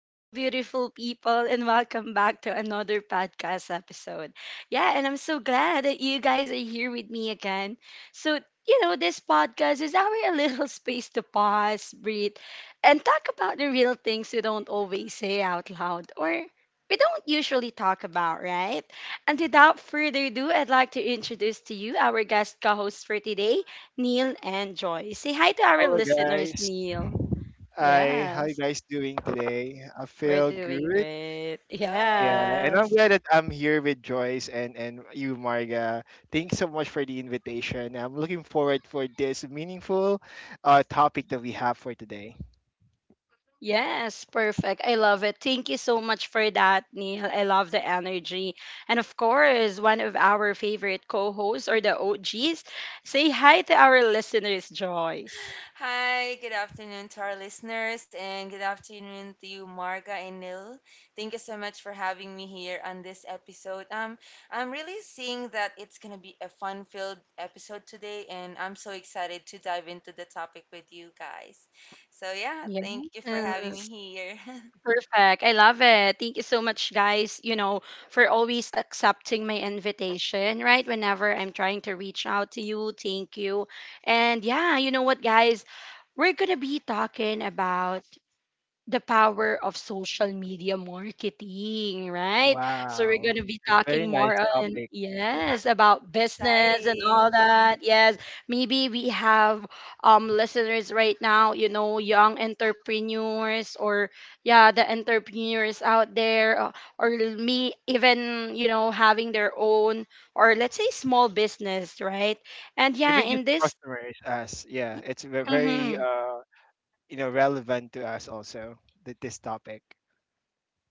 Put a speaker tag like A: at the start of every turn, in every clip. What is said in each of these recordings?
A: Hello, beautiful people, and welcome back to another podcast episode. Yeah, and I'm so glad that you guys are here with me again. So, this podcast is our little space to pause, breathe, and talk about the real things we don't always say out loud or we don't usually talk about, right? And without further ado, I'd like to introduce to you our guest co hosts for today, Neil and Joy. Say hi to our
B: Hello,
A: listeners,
B: guys.
A: Neil.
B: Hi, how you
A: Yes.
B: guys doing today? I
A: We're
B: feel
A: doing
B: good.
A: great.
B: Yeah,
C: Hello.
B: and I'm
A: Yes.
B: glad that I'm here with Joyce and you, Marga. Thanks so much for the invitation. I'm looking forward for this meaningful topic that we have for today.
A: Yes, perfect. I love it. Thank you so much for that, Neil. I love the energy. And of course, one of our favorite co hosts or the OGs, say hi to our listeners, Joyce.
C: Hi, good afternoon to our listeners, and good afternoon to you, Marga and Nil. Thank you so much for having me here on this episode. I'm really seeing that it's gonna be a fun-filled episode today, and I'm so excited to dive into the topic with you guys. So yeah, thank you for having me
A: Yes.
C: here.
A: Perfect. I love it. Thank you so much, guys, for always accepting my invitation, right? Whenever I'm trying to reach out to you, thank you. And yeah, you know what, guys? We're going to be talking about the power of social media marketing, right? So we're
B: Wow,
A: going to be
B: it's very
A: talking
B: nice
A: more on
B: topic.
A: yes about business and all
C: Exciting.
A: that. Yes, maybe we have listeners right now, you know, young entrepreneurs or yeah, the entrepreneurs out there or me even, you know, having their own or let's say small business, right? And yeah,
B: Even just
A: in this
B: customers, us. Yeah, it's very
A: mhm.
B: you know relevant to us also that this topic.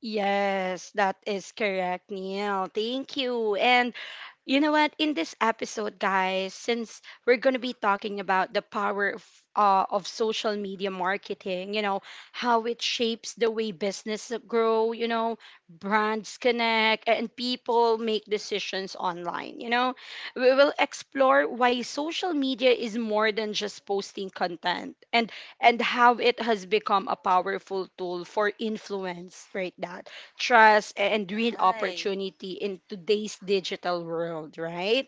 A: Yes, that is correct, Neil. Thank you. And you know what? In this episode, guys, since we're going to be talking about the power of, of social media marketing, you know, how it shapes the way business grow, you know, brands connect, and people make decisions online, you know, we will explore why social media is more than just posting content and how it has become a powerful tool for influence, right? That trust and real
C: Right.
A: opportunity in today's digital world, right?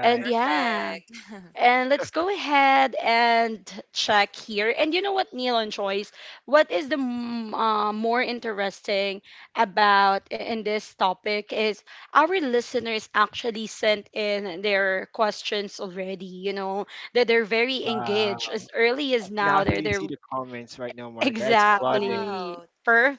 A: And yeah.
C: Perfect.
A: And let's go ahead and check here. And you know what, Neil and Choice, what is the more interesting about in this topic is our listeners actually sent in their questions already. You know that they're very engaged
B: Wow.
A: as early as
B: I can
A: now. They're
B: actually
A: they're
B: see the comments right now, Marga. It's flooding.
A: Exactly.
C: Wow,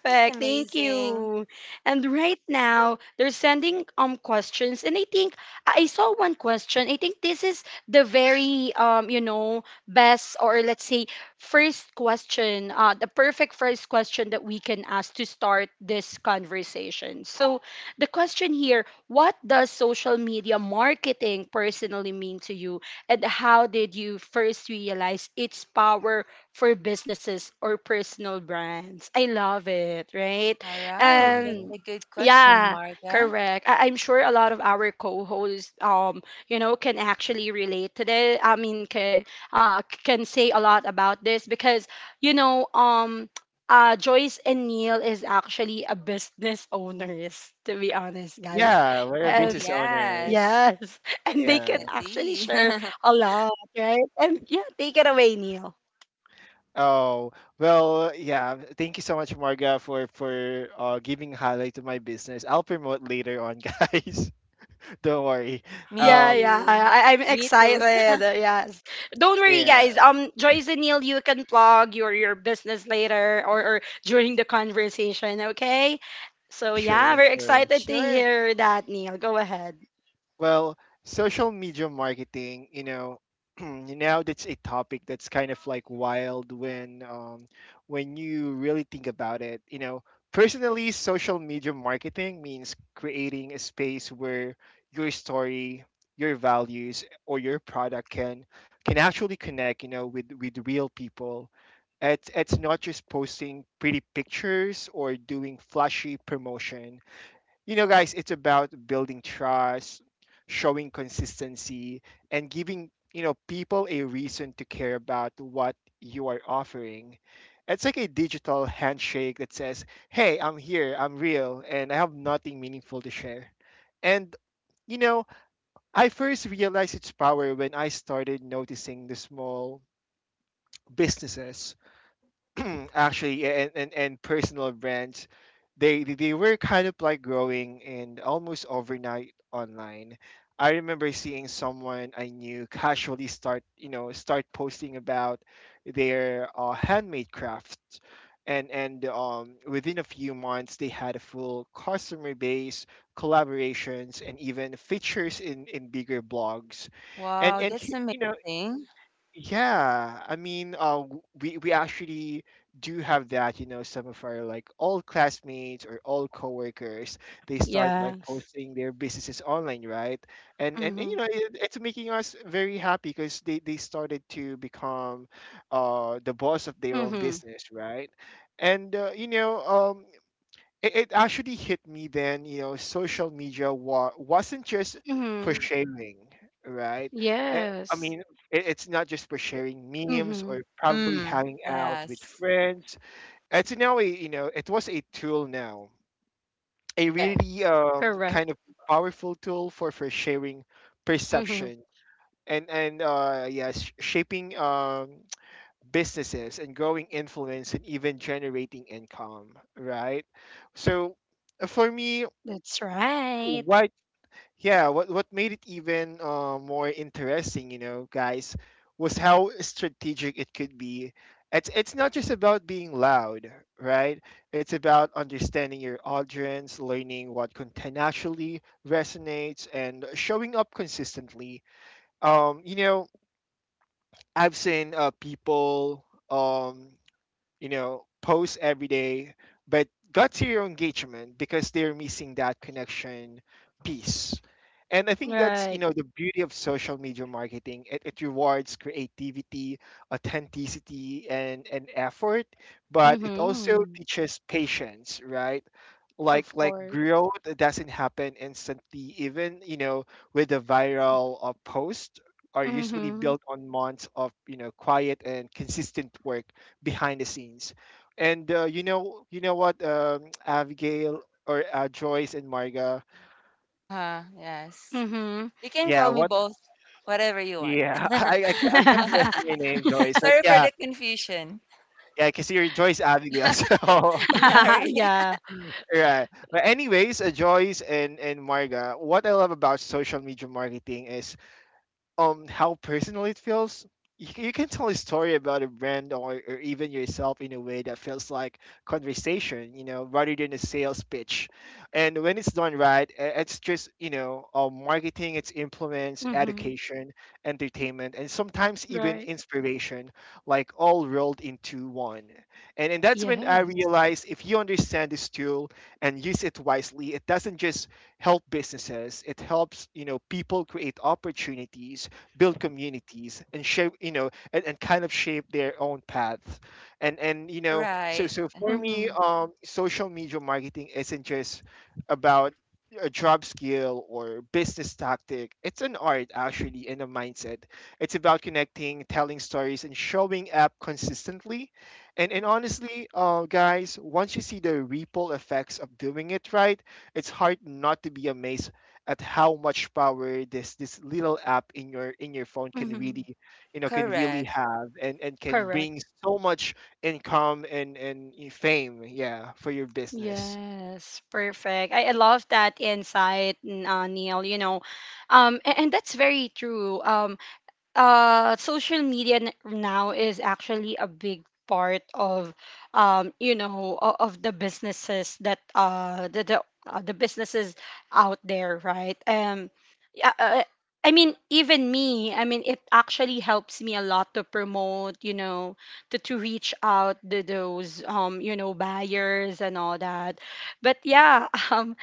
C: that's
A: Thank
C: amazing.
A: you. And right now, they're sending questions and I think I saw one question. I think this is the very you know best or let's say first question, the perfect first question that we can ask to start this conversation. So, the question here, what does social media marketing personally mean to you and how did you first realize its power for businesses or personal brands? I love it, right?
C: All right, that's
B: Oh.
C: a
A: And
C: good question,
A: yeah,
C: Marga.
A: correct. I'm sure a lot of our co-hosts, you know, can actually relate to this. I mean, can can say a lot about this because you know, Joyce and Neil is actually a business owners, to be honest, guys.
B: Yeah,
C: Oh,
B: we're a
C: oh
A: And
B: business owner.
C: yes,
A: yes, and they can
B: Yeah.
A: actually
C: definitely.
A: share a lot, right? And yeah, take it away, Neil.
B: Oh, well, yeah. Thank you so much, Marga, for giving highlight to my business. I'll promote later on, guys. Don't worry.
C: Me
A: Yeah,
B: Um,
A: yeah.
C: too.
A: I'm
C: Me too.
A: excited. Yes. Don't worry, guys.
B: yeah,
A: Joyce and Neil, you can plug your business later or during the conversation. Okay. So yeah,
B: sure,
A: we're
B: sure.
A: excited to
C: Sure.
A: hear that, Neil. Go ahead.
B: Well, social media marketing, you know, now that's a topic that's kind of like wild when when you really think about it. You know, personally, social media marketing means creating a space where your story, your values, or your product can actually connect, you know, with real people. It's not just posting pretty pictures or doing flashy promotion, you know, guys. It's about building trust, showing consistency, and giving, you know, people a reason to care about what you are offering. It's like a digital handshake that says, hey, I'm here, I'm real, and I have nothing meaningful to share. And you know, I first realized its power when I started noticing the small businesses and, and personal brands they were kind of like growing and almost overnight online. I remember seeing someone I knew casually start, you know, start posting about their handmade crafts, and within a few months they had a full customer base, collaborations, and even features in bigger blogs.
C: Wow, that's
B: You know,
C: amazing.
B: yeah, I mean, we actually do have that. You know, some of our like old classmates or old coworkers, they start like
A: Yes.
B: posting their businesses online, right? And you
A: Mhm.
B: know, it's making us very happy because they started to become, the boss of their own
A: Mhm.
B: business, right? And you know, it actually hit me then, you know, social media wasn't just for
A: Mhm.
B: sharing, right? Eh, I
A: Yes.
B: mean, it's not just for sharing memes
A: Mhm.
B: or probably
C: Mm,
B: hanging out with
C: yes.
B: friends. It's now a, you know, it was a tool now, a
C: Correct.
B: really
A: Correct.
B: kind of powerful tool for sharing
A: Mhm.
B: perception and yes, shaping businesses and growing influence and even generating income, right? So for me,
A: That's right.
B: what yeah what made it even more interesting, you know, guys, was how strategic it could be. It's not just about being loud, right? It's about understanding your audience, learning what content actually resonates, and showing up consistently. You know, I've seen people, um you know, post every day, but got zero engagement because they're missing that connection piece. And I think that's, you
A: Right.
B: know, the beauty of social media marketing. It rewards creativity, authenticity, and effort, but it also
A: Mhm.
B: teaches patience, right? Like
A: Of
B: like
A: course.
B: growth doesn't happen instantly, even, you know, with a viral post are usually
A: Mhm.
B: built on months of, you know, quiet and consistent work behind the scenes. And you know what, Abigail or Joyce and Marga.
C: Uh-huh, yes.
A: Mhm.
C: You can
B: Yeah,
C: call me
B: what?
C: both, whatever you want.
B: Yeah, I, I kept on messing your name, Joyce, but
C: Sorry for
B: yeah,
C: the confusion.
B: yeah, because you're Joyce Abigail.
C: Sorry.
A: yeah.
B: So right. But anyways, Joyce and Marga, what I love about social media marketing is how personal it feels. You, you can tell a story about a brand or even yourself in a way that feels like conversation, you know, rather than a sales pitch. And when it's done right, it's just, you know, marketing, it's implements
A: Mhm.
B: education, entertainment, and sometimes even
A: Right.
B: inspiration, like all rolled into one. And that's when I
A: Yes.
B: realized, if you understand this tool and use it wisely, it doesn't just help businesses, it helps, you know, people create opportunities, build communities, and shape, you know, and kind of shape their own paths. And you know,
C: Right.
B: so for me,
A: Mhm.
B: social media marketing isn't just about a job skill or business tactic, it's an art actually and a mindset. It's about connecting, telling stories, and showing up consistently. And honestly, guys, once you see the ripple effects of doing it right, it's hard not to be amazed at how much power this little app in your phone can
A: Mhm.
B: really, you know, can really
C: Correct.
B: have and can
A: Correct.
B: bring so much income and fame, yeah, for your business.
A: Yes, perfect. I love that insight, Neil. You know, and that's very true. Social media now is actually a big part of you know of the businesses that the businesses out there right yeah, uh, uh, I mean even me I mean it actually helps me a lot to promote you know to reach out to those you know buyers and all that but yeah um,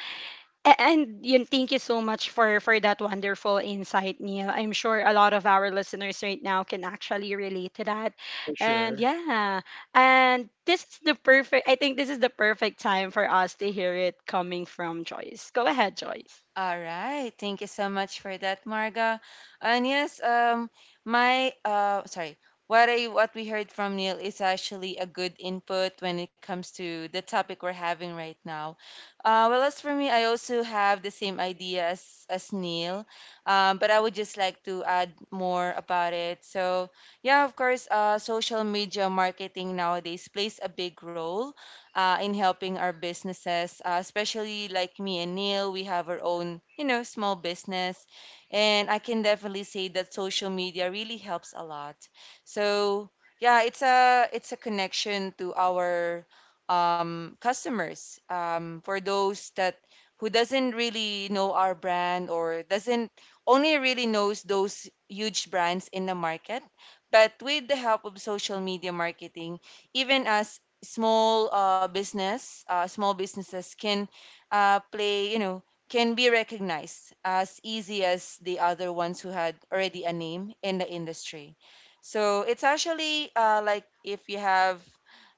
A: a- And yun, thank you so much for that wonderful insight, Neil. I'm sure a lot of our listeners right now can actually relate to that.
B: For
A: And
B: sure.
A: yeah, and this is the perfect. I think this is the perfect time for us to hear it coming from Joyce. Go ahead, Joyce.
C: All right. Thank you so much for that, Marga. And yes, my sorry, what we heard from Neil is actually a good input when it comes to the topic we're having right now. Well, as for me, I also have the same idea as Neil, but I would just like to add more about it. So yeah, of course, social media marketing nowadays plays a big role in helping our businesses, especially like me and Neil, we have our own, you know, small business. And I can definitely say that social media really helps a lot. So yeah, it's a connection to our customers. For those that who doesn't really know our brand or doesn't only really knows those huge brands in the market. But with the help of social media marketing, even us small business, small businesses can play, you know, can be recognized as easy as the other ones who had already a name in the industry. So it's actually like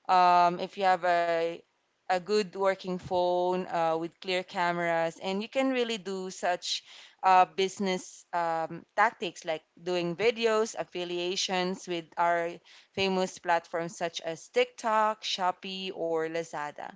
C: if you have a good working phone with clear cameras, and you can really do such business tactics like doing videos, affiliations with our famous platforms such as TikTok, Shopee, or Lazada.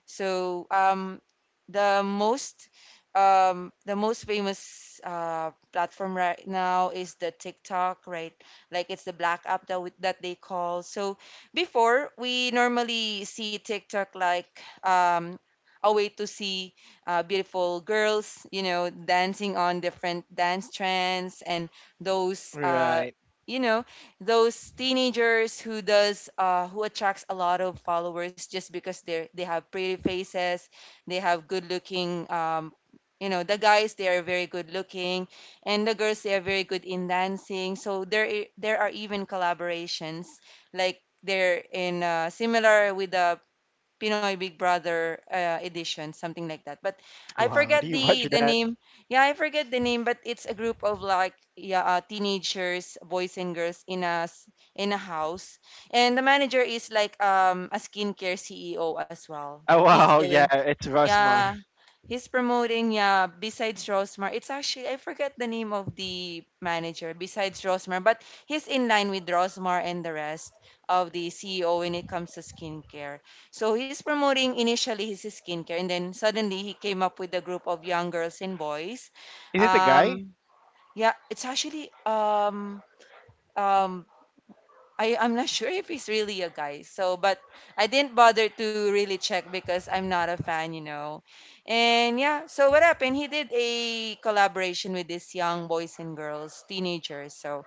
C: So the most the most famous platform right now is the TikTok, right? Like it's the black app that we, that they call. So before we normally see TikTok like um, a way to see beautiful girls, you know, dancing on different dance trends and those, uh,
B: Right.
C: you know, those teenagers who does who attracts a lot of followers just because they have pretty faces, they have good looking you know the guys they are very good looking and the girls they are very good in dancing. So there there are even collaborations like they're in similar with the Pinoy Big Brother edition, something like that. But I
B: Wow, do
C: forget
B: you watch
C: the
B: that?
C: name. Yeah, I forget the name, but it's a group of like yeah, teenagers, boys and girls in a house, and the manager is like a skincare CEO as well.
B: Oh
C: He's
B: wow,
C: doing
B: yeah, it's Rosmar.
C: yeah, he's promoting. Yeah, besides Rosmar, it's actually I forget the name of the manager besides Rosmar, but he's in line with Rosmar and the rest of the CEO when it comes to skincare. So he's promoting initially his skincare, and then suddenly he came up with a group of young girls and boys.
B: Is it a guy?
C: Um, yeah, it's actually um I, I'm not sure if he's really a guy. So, but I didn't bother to really check because I'm not a fan, you know. And yeah, so what happened? He did a collaboration with these young boys and girls, teenagers. So,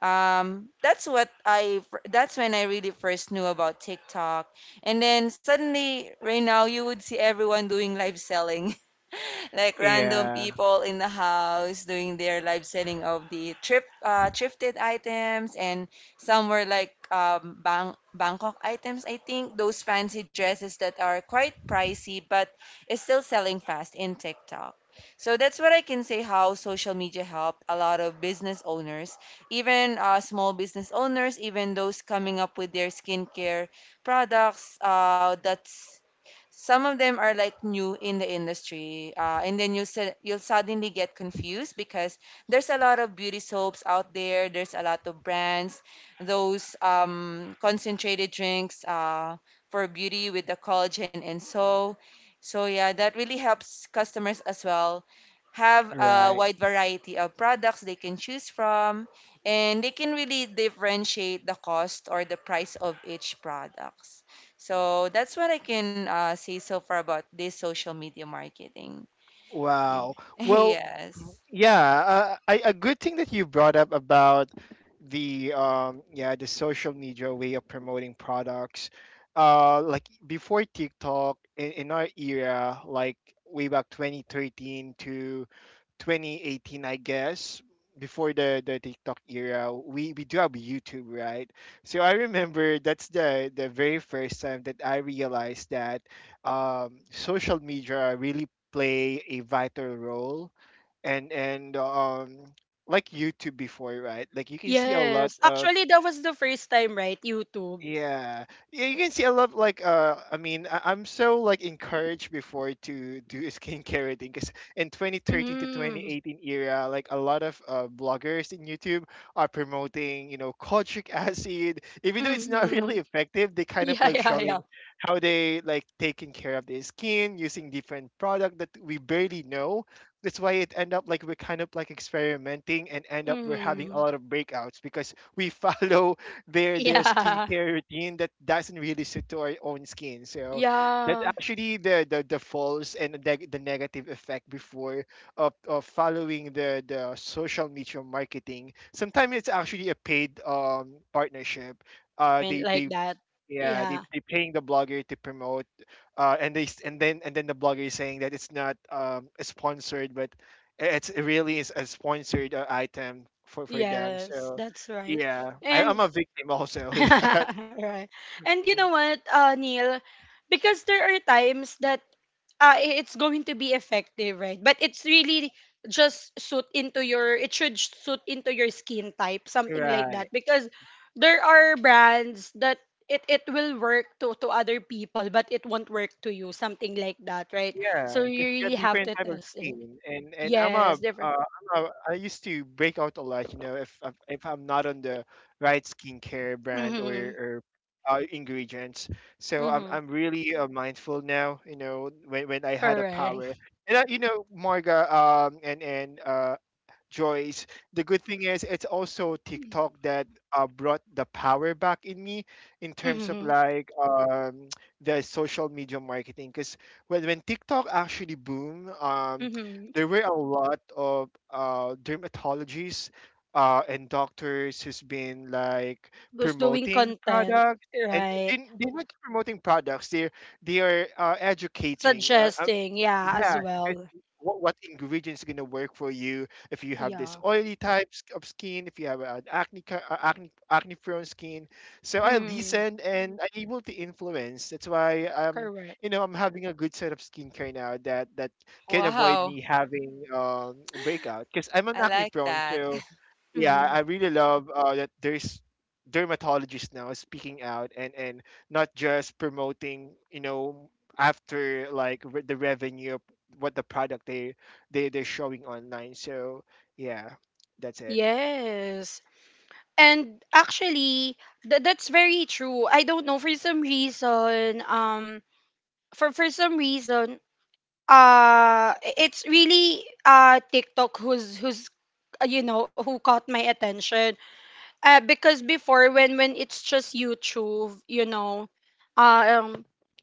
C: that's what that's when I really first knew about TikTok. And then suddenly, right now, you would see everyone doing live selling. Like random
B: Yeah,
C: people in the house doing their live selling of the trip thrifted items, and some were like Bangkok items, I think, those fancy dresses that are quite pricey but is still selling fast in TikTok. So that's what I can say how social media helped a lot of business owners, even small business owners, even those coming up with their skincare products that's some of them are like new in the industry, and then you said you'll suddenly get confused because there's a lot of beauty soaps out there. There's a lot of brands, those concentrated drinks for beauty with the collagen and so. So yeah, that really helps customers as well, have a
B: right.
C: wide variety of products they can choose from, and they can really differentiate the cost or the price of each product. So that's what I can say so far about this social media marketing.
B: Wow.
C: Okay.
B: Well,
C: Yes.
B: yeah, a good thing that you brought up about the yeah, the social media way of promoting products. Like before TikTok in our era, like way back 2013 to 2018, I guess, before the TikTok era, we do have YouTube, right? So I remember that's the very first time that I realized that social media really play a vital role and like YouTube before, right? Like you can see a lot
A: Yes,
B: of,
A: actually, that was the first time, right? YouTube.
B: yeah. Yeah, you can see I love like I mean I'm so like encouraged before to do a skincare thing because in 2013 to
A: Mm.
B: 2018 era, like a lot of bloggers in YouTube are promoting, you know, kojic acid, even though it's not really
A: Mm.
B: effective. They kind of
A: Yeah,
B: like
A: yeah,
B: showing
A: yeah.
B: how they like taking care of their skin using different product that we barely know. That's why it end up like we're kind of like experimenting and end up we're having a
A: Mm.
B: lot of breakouts because we follow their
A: Yeah,
B: skincare routine that doesn't really suit to our own skin. So that's
A: yeah.
B: actually the false and the, the negative effect before of following the social media marketing. Sometimes it's actually a paid partnership.
A: Advertisement
B: They
A: like that.
B: yeah,
A: Yeah.
B: they paying the blogger to promote, and they and then the blogger is saying that it's not sponsored, but it's it really is a sponsored item for them.
A: Yes,
B: So,
A: that's right.
B: yeah, I, I'm
A: And
B: a victim also with that.
A: right. And you know what, Neil? Because there are times that it's going to be effective, right? But it's really just suit into your it should suit into your skin type, something like that.
B: Right.
A: Because there are brands that it will work to other people, but it won't work to you, something like that, right?
B: Yeah,
A: So you
B: because you have
A: really have
B: different
A: to
B: type of
A: test it.
B: skin, and I'm a,
A: Yes, different.
B: I used to break out a lot, you know, if if I'm not on the right skincare brand
A: Mm-hmm.
B: or ingredients. So
A: Mm-hmm.
B: I'm really mindful now, you know, when I had a
A: Correct.
B: power, and you know, Marga, and Joyce. The good thing is it's also TikTok that brought the power back in me in terms of
A: Mm-hmm.
B: like the social media marketing. Because when TikTok actually boomed,
A: Mm-hmm.
B: there were a lot of dermatologists and doctors who's been like
A: Who's doing
B: promoting
A: content,
B: products. And
A: right?
B: they're not promoting products; they're they are educating.
A: Suggesting, yeah,
B: Yeah,
A: as well.
B: suggesting what ingredients gonna work for you if you have this
A: Yeah.
B: oily types of skin, if you have an acne acne prone skin. So I
A: Mm-hmm.
B: listen and I'm able to influence. That's why
A: Correct.
B: you know I'm having a good set of skincare now that can avoid
C: Wow.
B: me having breakout because I'm an
C: I
B: acne
C: like
B: prone.
C: that.
B: So yeah,
A: Mm-hmm.
B: I really love that there's dermatologists now speaking out and not just promoting, you know, after like the revenue of what the product they're showing online. So yeah, that's it.
A: Yes. And actually, that's very true. I don't know for for some reason it's really TikTok who's you know who caught my attention. Because before when it's just YouTube, you know, um,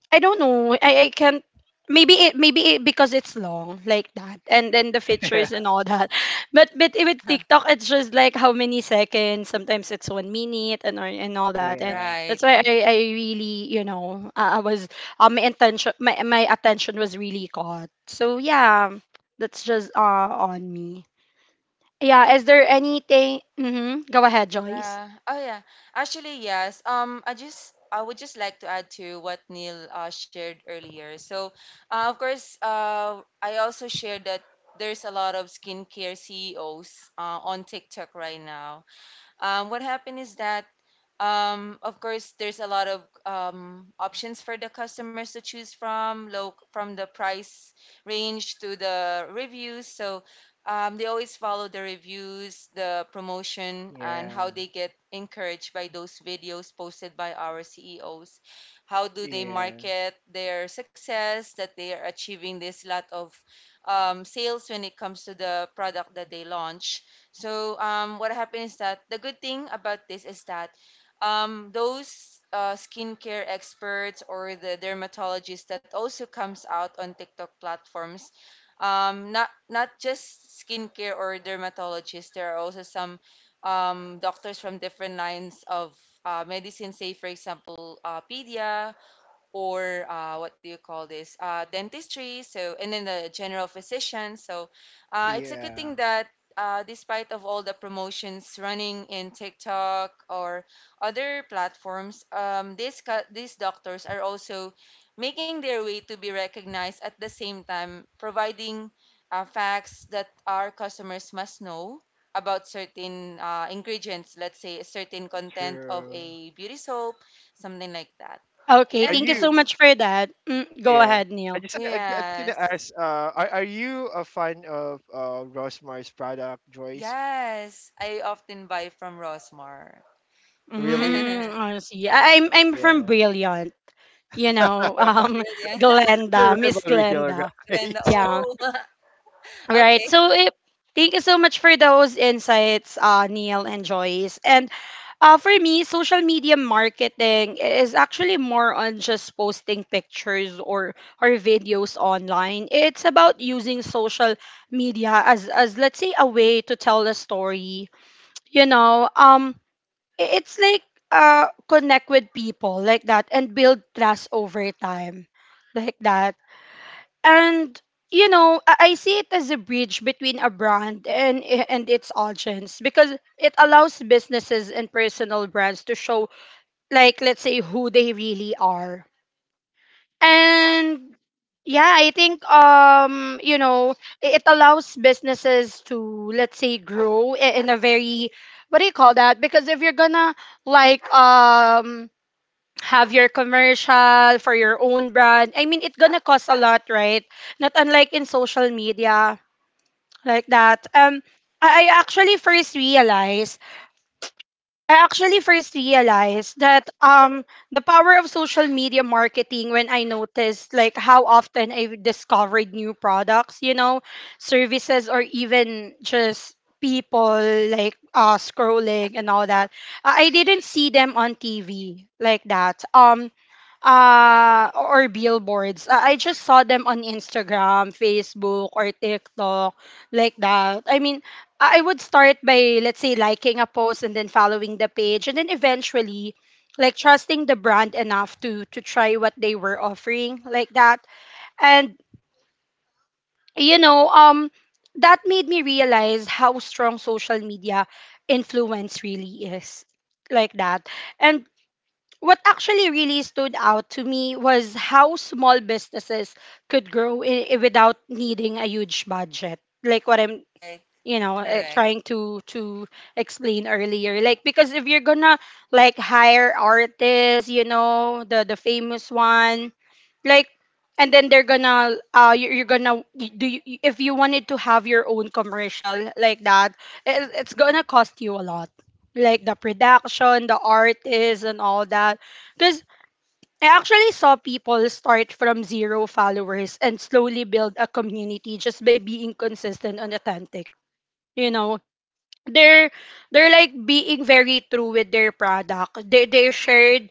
A: I don't know. I can't. Maybe it because it's long like that, and then the features and all that. But with TikTok, it's just like how many seconds. Sometimes it's 1 minute and all that, and
B: Yeah,
C: Right.
A: that's why I really you know I was my attention my attention was really caught. So yeah, that's just on me. Yeah, is there anything? Mm-hmm. Go ahead, Joyce.
C: Yeah. Oh yeah. Actually, yes. Um, I would just like to add to what Neil shared earlier. So, of course, I also shared that there's a lot of skincare CEOs on TikTok right now. What happened is that, of course, there's a lot of options for the customers to choose from, low from the price range to the reviews. So they always follow the reviews, the promotion, and
B: yeah,
C: how they get encouraged by those videos posted by our CEOs. How do they
B: yeah,
C: market their success that they are achieving this lot of sales when it comes to the product that they launch? So what happened is that the good thing about this is that those skincare experts or the dermatologists that also comes out on TikTok platforms, not not just skincare or dermatologists. There are also some doctors from different lines of medicine, say for example, pedia or what do you call this, dentistry, so and then the general physician. So it's a good
B: yeah.
C: thing that despite of all the promotions running in tiktok or other platforms, these doctors are also making their way to be recognized at the same time providing facts that our customers must know about certain ingredients, let's say a certain content of
B: True.
C: a beauty soap, something like that,
A: Okay,
B: Are
A: thank
C: and
A: you
C: then
B: you?
A: so much for that. Mm, go
B: Yeah.
A: ahead, Neil.
B: I just gonna
C: Yes.
B: ask. Are you a fan of Rosmar's product, Joyce?
C: Yes. I often buy from Rosmar.
B: Really?
A: Mm, honestly, I'm I'm from
B: Yeah.
A: Brilliant. You know,
C: Really?
B: It's a
A: Glenda, Miss
B: rivalry here,
A: Glenda.
C: Glenda.
B: guys.
A: Yeah,
C: Oh, okay.
A: right. Thank you so much for those insights, Neil and Joyce. And for me, social media marketing is actually more on just posting pictures or videos online. It's about using social media as let's say a way to tell a story you know it's like connect with people like that and build trust over time like that. And you know I see it as a bridge between a brand and its audience because it allows businesses and personal brands to show like let's say who they really are. And yeah, I think you know it allows businesses to let's say grow in a very what do you call that? Because if you're gonna like have your commercial for your own brand, I mean it's gonna cost a lot, right? Not unlike in social media like that. I actually first realized that the power of social media marketing when I noticed like how often I've discovered new products, you know, services or even just people like scrolling and all that. I didn't see them on TV like that.
C: Uh-huh.
A: Or billboards. I just saw them on Instagram, Facebook, or TikTok, like that. I mean, I would start by let's say liking a post and then following the page and then eventually like trusting the brand enough to try what they were offering, like that. And you know, that made me realize how strong social media influence really is like that. And what actually really stood out to me was how small businesses could grow without needing a huge budget like what I'm
C: Right.
A: you know
C: Correct.
A: trying to explain earlier like because if you're gonna like hire artists you know the famous one like and then they're gonna you- you're gonna do you, if you wanted to have your own commercial like that it's gonna cost you a lot like the production the artists and all that because I actually saw people start from zero followers and slowly build a community just by being consistent and authentic you know they're they're like being very true with their product they share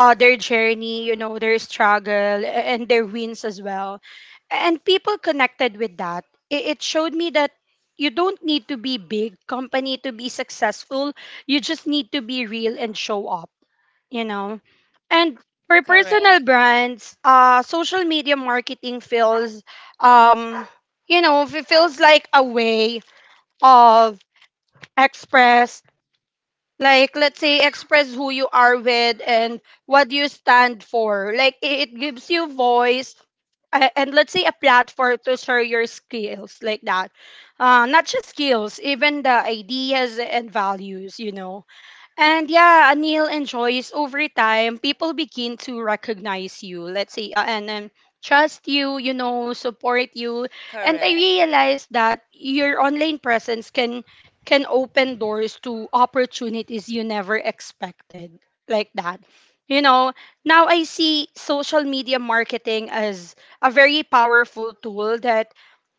A: their journey, you know, their struggle and their wins as well. And people connected with that. It showed me that you don't need to be big company to be successful. You just need to be real and show up, you know. And for personal
C: Correct.
A: brands, social media marketing feels, um, you know, it feels like a way of express like let's say express who you are with and what you stand for like it gives you voice and let's say a platform to share your skills like that not just skills even the ideas and values you know. And yeah, Anil enjoys over time, people begin to recognize you, let's say, and trust you, you know, support you. And I
C: Correct.
A: realized that your online presence can open doors to opportunities you never expected like that. You know, now I see social media marketing as a very powerful tool that,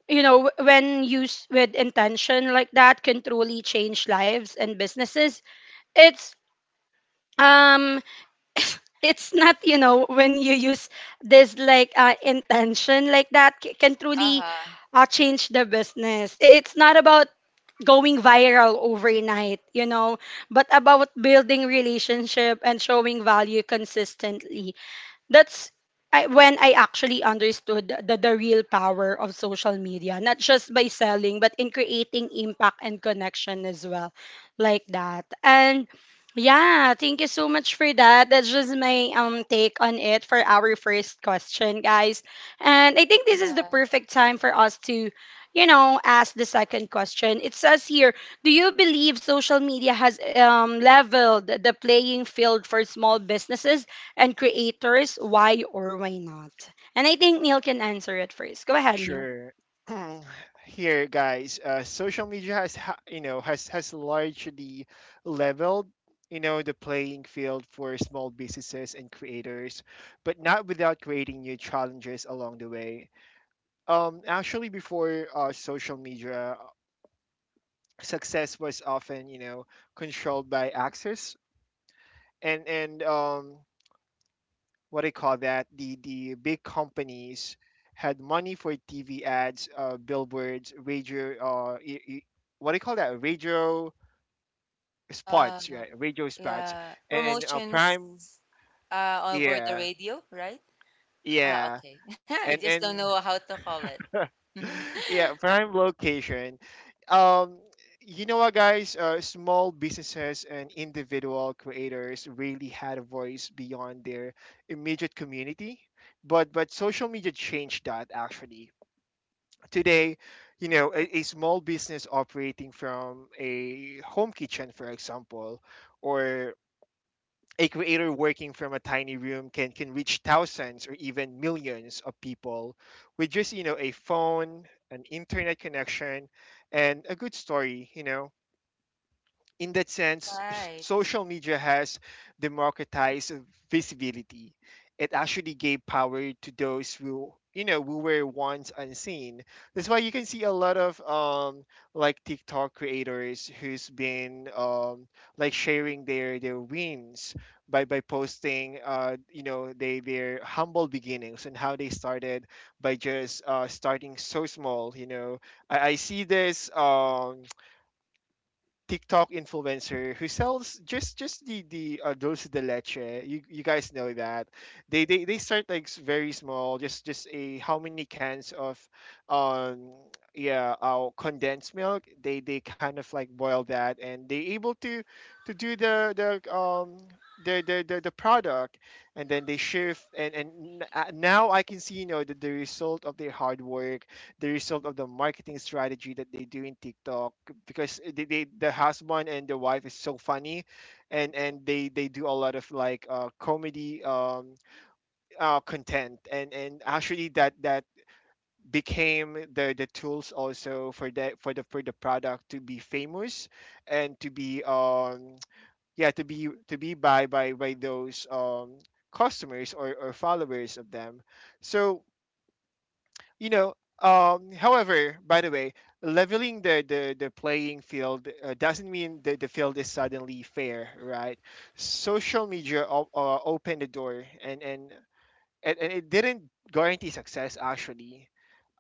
A: when used with intention like that can truly change lives and businesses. It's um it's not when you use this like intention like that can truly
C: Uh-huh.
A: change the business. It's not about going viral overnight, you know, but about building relationship and showing value consistently. That's When I actually understood the real power of social media, not just by selling, but in creating impact and connection as well, like that. And yeah, thank you so much for that. That's just my take on it for our first question, guys. And I think this is the
C: Yeah.
A: perfect time for us to, you know, ask the second question. It says here, do you believe social media has leveled the playing field for small businesses and creators, why or why not? And I think Neil can answer it first. Go ahead, Neil.
B: Sure. Here, guys, social media has, you know, has largely leveled, you know, the playing field for small businesses and creators, but not without creating new challenges along the way. Actually, before social media, success was often, you know, controlled by access and what I call that the big companies had money for TV ads, billboards, radio, what do you call that? Radio
C: Uh,
B: spots, right? Radio spots,
C: yeah.
B: and,
C: Promotions
B: prime,
C: over the
B: yeah,
C: radio, right? Ah,
B: yeah,
C: okay. I just don't
B: and
C: know how to call it.
B: yeah, prime location. Um, you know what, guys? Small businesses and individual creators really had a voice beyond their immediate community, but social media changed that. Actually today, you know, a small business operating from a home kitchen, for example, or a creator working from a tiny room, can reach thousands or even millions of people with just, you know, a phone, an internet connection, and a good story, you know. In that sense,
C: Right.
B: social media has democratized visibility. It actually gave power to those who, you know, who were once unseen. That's why you can see a lot of like TikTok creators who's been like sharing their wins by posting, you know, they their humble beginnings and how they started by just starting so small. You know, I see this. TikTok influencer who sells just the dulce de leche. You guys know that they start like very small, just a how many cans of, um yeah, condensed milk. They kind of like boil that and they able to do the product. And then they shift and now I can see, you know, the result of their hard work, the result of the marketing strategy that they do in TikTok, because the husband and the wife is so funny, and they do a lot of like comedy content. And actually that became the tools also for the for the product to be famous and to be yeah, to be by those customers or followers of them. So, you know, however, by the way, leveling the playing field doesn't mean that the field is suddenly fair, right? Social media opened the door, and it didn't guarantee success. Actually,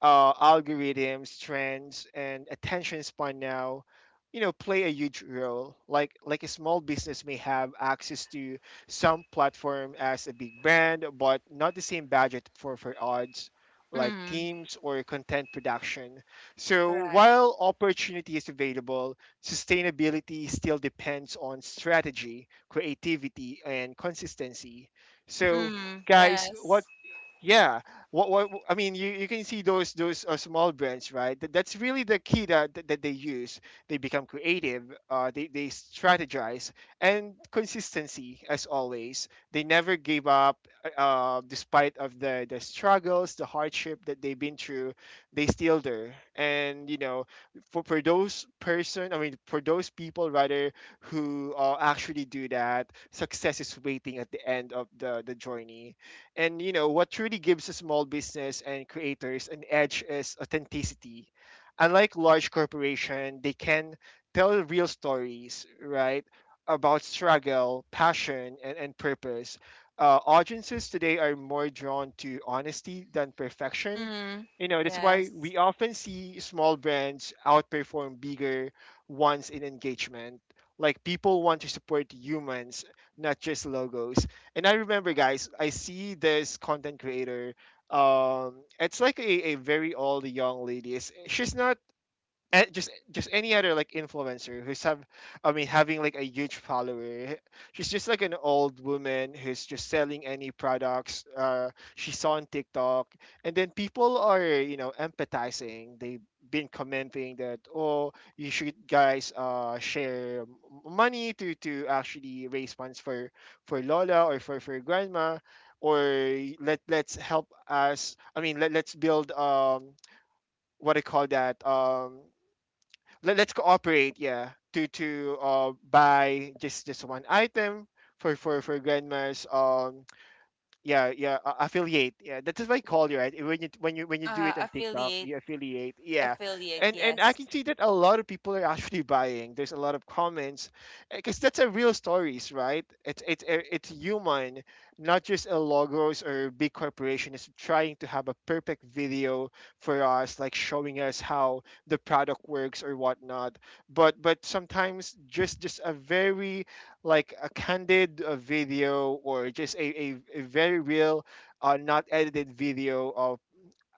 B: algorithms, trends, and attention span now, you know, play a huge role. Like a small business may have access to some platform as a big brand, but not the same budget for ads, like
C: Mm.
B: teams or content production. So
C: Right.
B: while opportunity is available, sustainability still depends on strategy, creativity, and consistency. So
C: Mm.
B: guys, what,
C: Yes.
B: yeah. What I mean, you can see those small brands, right? That's really the key that they use. They become creative. They strategize, and consistency as always. They never gave up, despite of the struggles, the hardship that they've been through. They still there. And you know, for those person, I mean, for those people rather, who actually do that, success is waiting at the end of the journey. And you know what truly gives a small business and creators an edge is authenticity. Unlike large corporation, they can tell real stories, right, about struggle, passion, and purpose. Audiences today are more drawn to honesty than perfection.
C: Mm.
B: You know, that's why we
C: Yes.
B: often see small brands outperform bigger ones in engagement. Like, people want to support humans, not just logos. And I remember, guys, I see this content creator. It's like a very old young lady. It's, she's not and just any other like influencer who's have, I mean, having like a huge follower. She's just like an old woman who's just selling any products she saw on TikTok. And then people are, you know, empathizing. They've been commenting that, oh, you should guys share money to actually raise funds for lola, or for grandma, or let's help us. I mean, let's build, what I call that, let's cooperate, yeah, to buy just one item for grandma's, yeah, affiliate, yeah. That's what I call you, right? When you when you do it on TikTok,
C: Affiliate.
B: you affiliate. Yeah.
C: Affiliate,
B: And I
C: yes.
B: can see that a lot of people are actually buying. There's a lot of comments, because that's a real stories, right? It's it's human, not just a logos or big corporation is trying to have a perfect video for us, like showing us how the product works or whatnot. But sometimes just a very like a candid video, or just a very real, not edited video of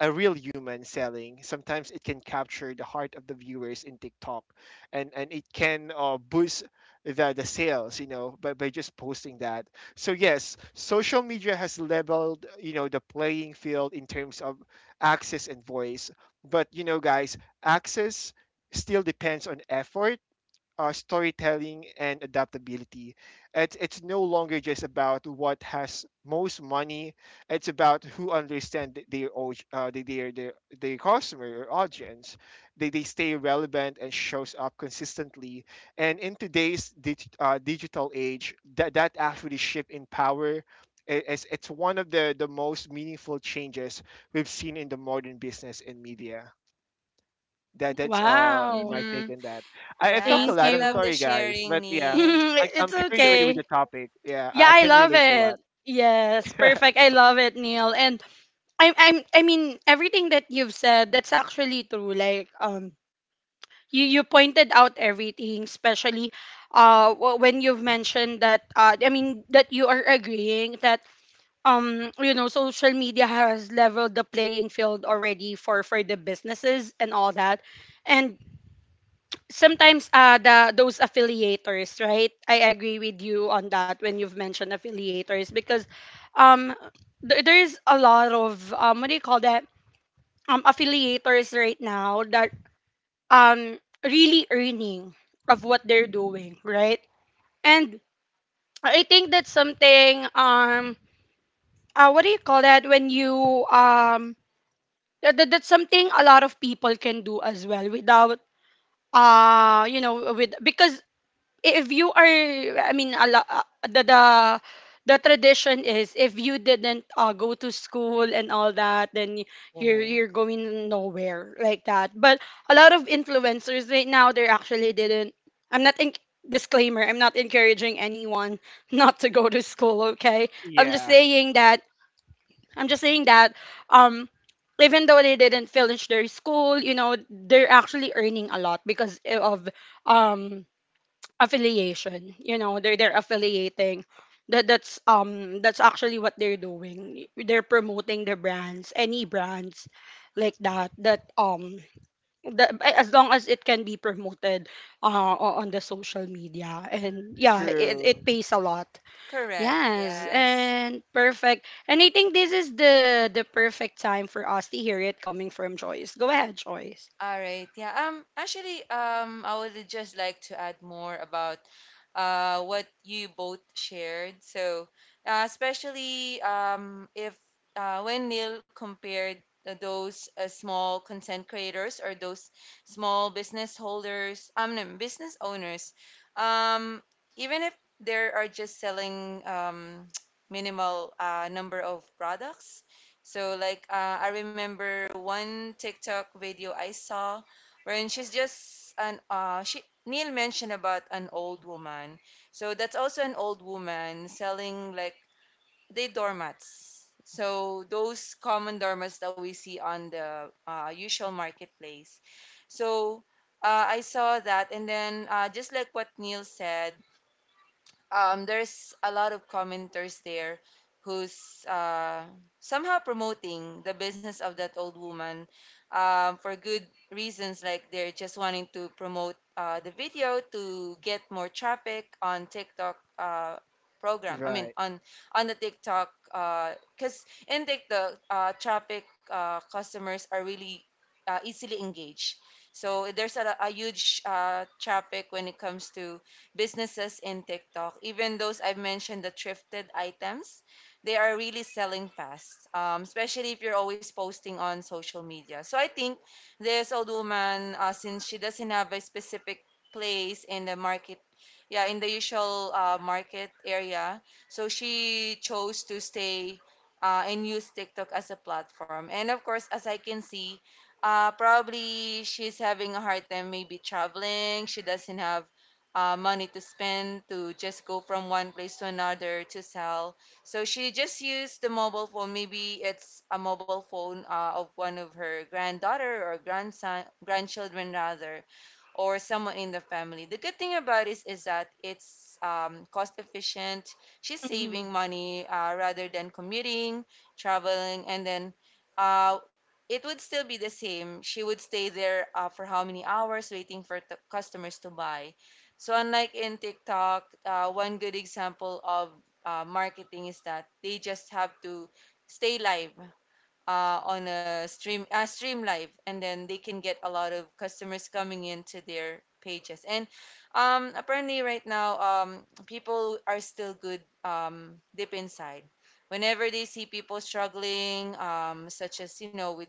B: a real human selling, sometimes it can capture the heart of the viewers in TikTok. And and, it can boost the sales, you know, by, just posting that. So, yes, social media has leveled, you know, the playing field in terms of access and voice. But, you know, guys, access still depends on effort, storytelling, and adaptability. It's no longer just about what has most money. It's about who understand their their customer or audience. They stay relevant and shows up consistently. And in today's digital age, that actually shift in power I- is it's one of the most meaningful changes we've seen in the modern business and media. That that's
A: Wow.
B: My
C: Mm-hmm.
B: take on that. I talk a
C: Yes,
A: Thank
C: I
B: lot. I'm
C: love
A: you.
C: the
B: sorry, guys,
C: sharing,
B: but yeah,
C: Neil.
B: like
A: It's
B: I'm carried away with
A: okay.
B: the topic. Yeah,
A: Yeah,
B: I
A: I
B: can
A: love
B: relate a lot.
A: it. Yes, perfect. I love it, Neil. And I'm I mean everything that you've said, that's actually true. Like you you pointed out everything, especially when you've mentioned that I mean that you are agreeing that you know social media has leveled the playing field already for the businesses and all that, and sometimes the those affiliators, right? I agree with you on that when you've mentioned affiliators because um there there's a lot of what do you call that, affiliators right now that really earning of what they're doing, right? And I think that's something what do you call that when you um yeah, that, that's something a lot of people can do as well without you know with because if you are I mean a lot the, the the tradition is if you didn't go to school and all that, then
B: Hmm.
A: you're going nowhere like that. But a lot of influencers right now they actually didn't. I'm not in, disclaimer, I'm not encouraging anyone not to go to school, okay? I'm just
B: Yeah,
A: saying that I'm just saying that um even though they didn't finish their school, you know, they're actually earning a lot because of um affiliation. You know, they're affiliating. That's that's actually what they're doing. They're promoting their brands, any brands like that, that that, as long as it can be promoted on the social media, and yeah, it
B: true.
A: pays a lot.
C: Correct,
A: Yes,
C: yes.
A: and perfect. And I think this is the perfect time for us to hear it coming from Joyce. Go ahead, Joyce.
C: All right. Yeah. Actually, I would just like to add more about, what you both shared. So, especially if when Neil compared those small content creators or those small business holders, no, business owners, um, even if they are just selling minimal number of products. So like I remember one TikTok video I saw wherein she's just an she Neil mentioned about an old woman. So that's also an old woman selling like they doormats. So those common doormats that we see on the usual marketplace. So I saw that, and then just like what Neil said, there's a lot of commenters there who's somehow promoting the business of that old woman, for good reasons, like they're just wanting to promote the video to get more traffic on tiktok, program I mean
B: Right.
C: on the tiktok, because in tiktok traffic, customers are really easily engaged. So there's a huge traffic when it comes to businesses in TikTok. Even those I've mentioned, the thrifted items, they are really selling fast, especially if you're always posting on social media. So I think this old woman, since she doesn't have a specific place in the market, yeah, in the usual market area, so she chose to stay and use TikTok as a platform. And of course, as I can see, probably she's having a hard time maybe traveling. She doesn't have money to spend to just go from one place to another to sell. So she just used the mobile phone. Maybe it's a mobile phone of one of her granddaughter or grandson, grandchildren rather, or someone in the family. The good thing about it is that it's cost efficient. She's
A: Mm-hmm.
C: saving money rather than commuting, traveling, and then. Uh, it would still be the same. She would stay there for how many hours waiting for customers to buy. So unlike in TikTok, one good example of marketing is that they just have to stay live stream live, and then they can get a lot of customers coming into their pages. And apparently, right now, people are still good deep inside. Whenever they see people struggling, such as you know with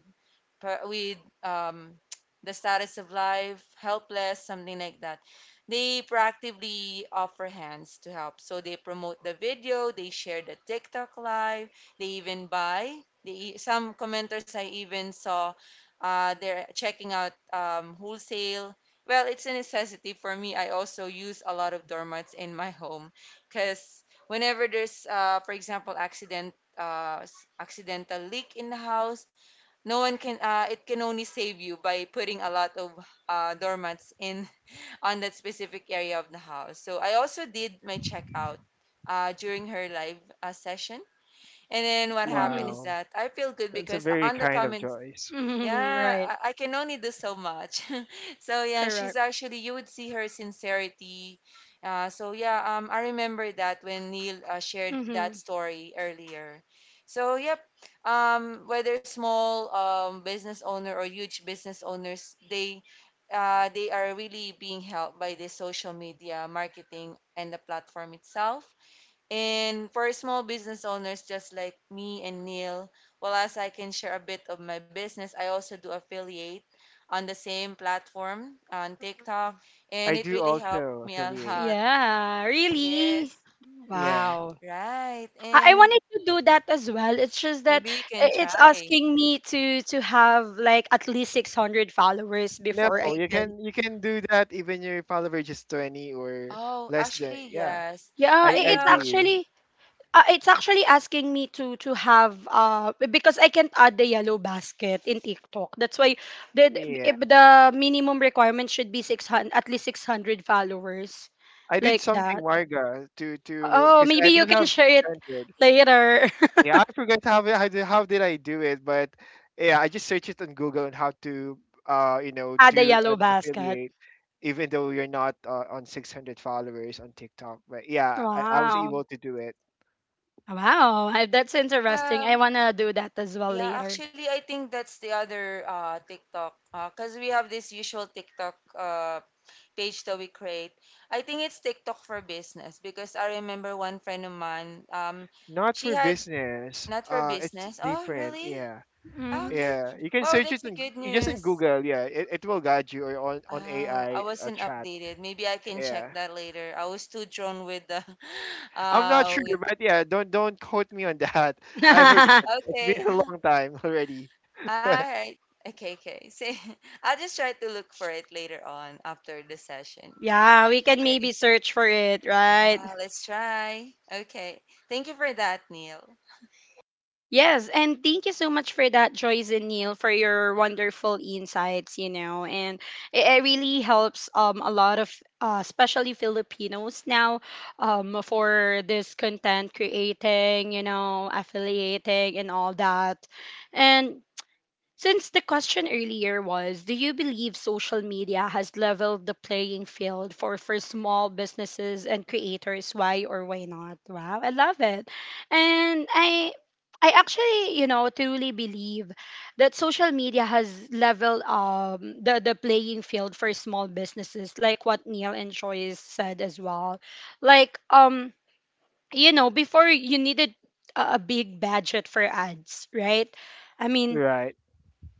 C: per- with um, the status of life, helpless, something like that. They proactively offer hands to help. So they promote the video, they share the TikTok live, they even buy. Some commenters I even saw, they're checking out wholesale. Well, it's a necessity for me. I also use a lot of doormats in my home because whenever there's, for example, accident, accidental leak in the house, no one can it can only save you by putting a lot of doormats in on that specific area of the house. So I also did my checkout during her live session. And then what happened
A: Mm-hmm.
C: is
B: Wow,
C: that I feel good
B: that's a
C: because
B: very
C: on the
B: kind of
C: comment,
B: choice.
A: Mm-hmm.
C: yeah,
A: Right.
C: I can only do so much. So yeah, she's
A: Correct.
C: actually, you would see her sincerity. I remember that when Neil shared that
A: Mm-hmm.
C: story earlier. So yep, whether small business owner or huge business owners, they are really being helped by the social media marketing and the platform itself. And for small business owners just like me and Neil, well, as I can share a bit of my business, I also do affiliate on the same platform on TikTok,
B: I
C: and it
B: do
C: really helped
B: also
C: me a
B: affiliate.
C: lot.
A: Yeah, really?
C: Yes,
B: Yeah.
A: Wow.
C: right.
A: I
C: And
A: wanted to do that as well. It's just that
C: maybe you can
A: it's
C: try.
A: asking me to have like at least 600 followers
B: No,
A: before I
B: you
A: can.
B: can do that even your follower just 20 or
C: Oh,
B: less than.
C: actually,
B: Yeah,
C: yes.
A: Yeah,
C: Right
B: I
A: it's
C: now,
B: did.
A: actually, it's actually asking me to have, uh, because I can't add the yellow basket in TikTok. That's why the
B: Yeah,
A: the minimum requirement should be 600, at least 600 followers
B: I did
A: like
B: something,
A: that.
B: Marga, to
A: Oh,
B: because
A: maybe
B: I
A: you
B: don't
A: can
B: have
A: share
B: six
A: it
B: hundred.
A: later.
B: Yeah, I forgot how how did I do it, but yeah, I just searched it on Google on how to you know,
A: Add the
B: do
A: yellow
B: an
A: basket.
B: affiliate, even though you're not on 600 followers on TikTok. But yeah, I was
A: Wow.
B: able to do it.
A: Wow, that's interesting. I
C: um,
A: want to do that as well
C: yeah,
A: later.
C: actually, I think that's the other TikTok, cause we have this usual TikTok page that we create. I think it's TikTok for business because I remember one friend of mine,
B: Not
C: she
B: for
C: had
B: business.
C: not for
B: It's
C: business. Oh,
B: different.
C: really?
B: Yeah,
C: Ah,
A: Mm.
C: okay.
B: yeah. You can
C: Wow,
B: search
C: that's
B: it
C: a
B: in,
C: good
B: Just in
C: news.
B: Google. Yeah, it will guide you, or on
C: Oh, I
B: AI
C: wasn't
B: chat.
C: updated. Maybe I can check
B: Yeah,
C: that later. I was too drawn with the
B: I'm not sure,
C: with
B: but yeah, don't quote me on that. I forgot. It's
C: okay.
B: been a long time already.
C: All right. Okay, okay. See, I'll just try to look for it later on after the session.
A: Yeah, we can
C: Okay.
A: maybe search for it, right?
C: Yeah, let's try. Okay. Thank you for that, Neil.
A: Yes, and thank you so much for that, Joyce and Neil, for your wonderful insights, you know, and it really helps a lot of especially Filipinos now for this content creating, you know, affiliating and all that. And since the question earlier was, do you believe social media has leveled the playing field for small businesses and creators? Why or why not? Wow, I love it. And I actually, you know, truly believe that social media has leveled the playing field for small businesses, like what Neil and Joyce said as well. Like you know, before you needed a big budget for ads, right? I mean,
B: Right.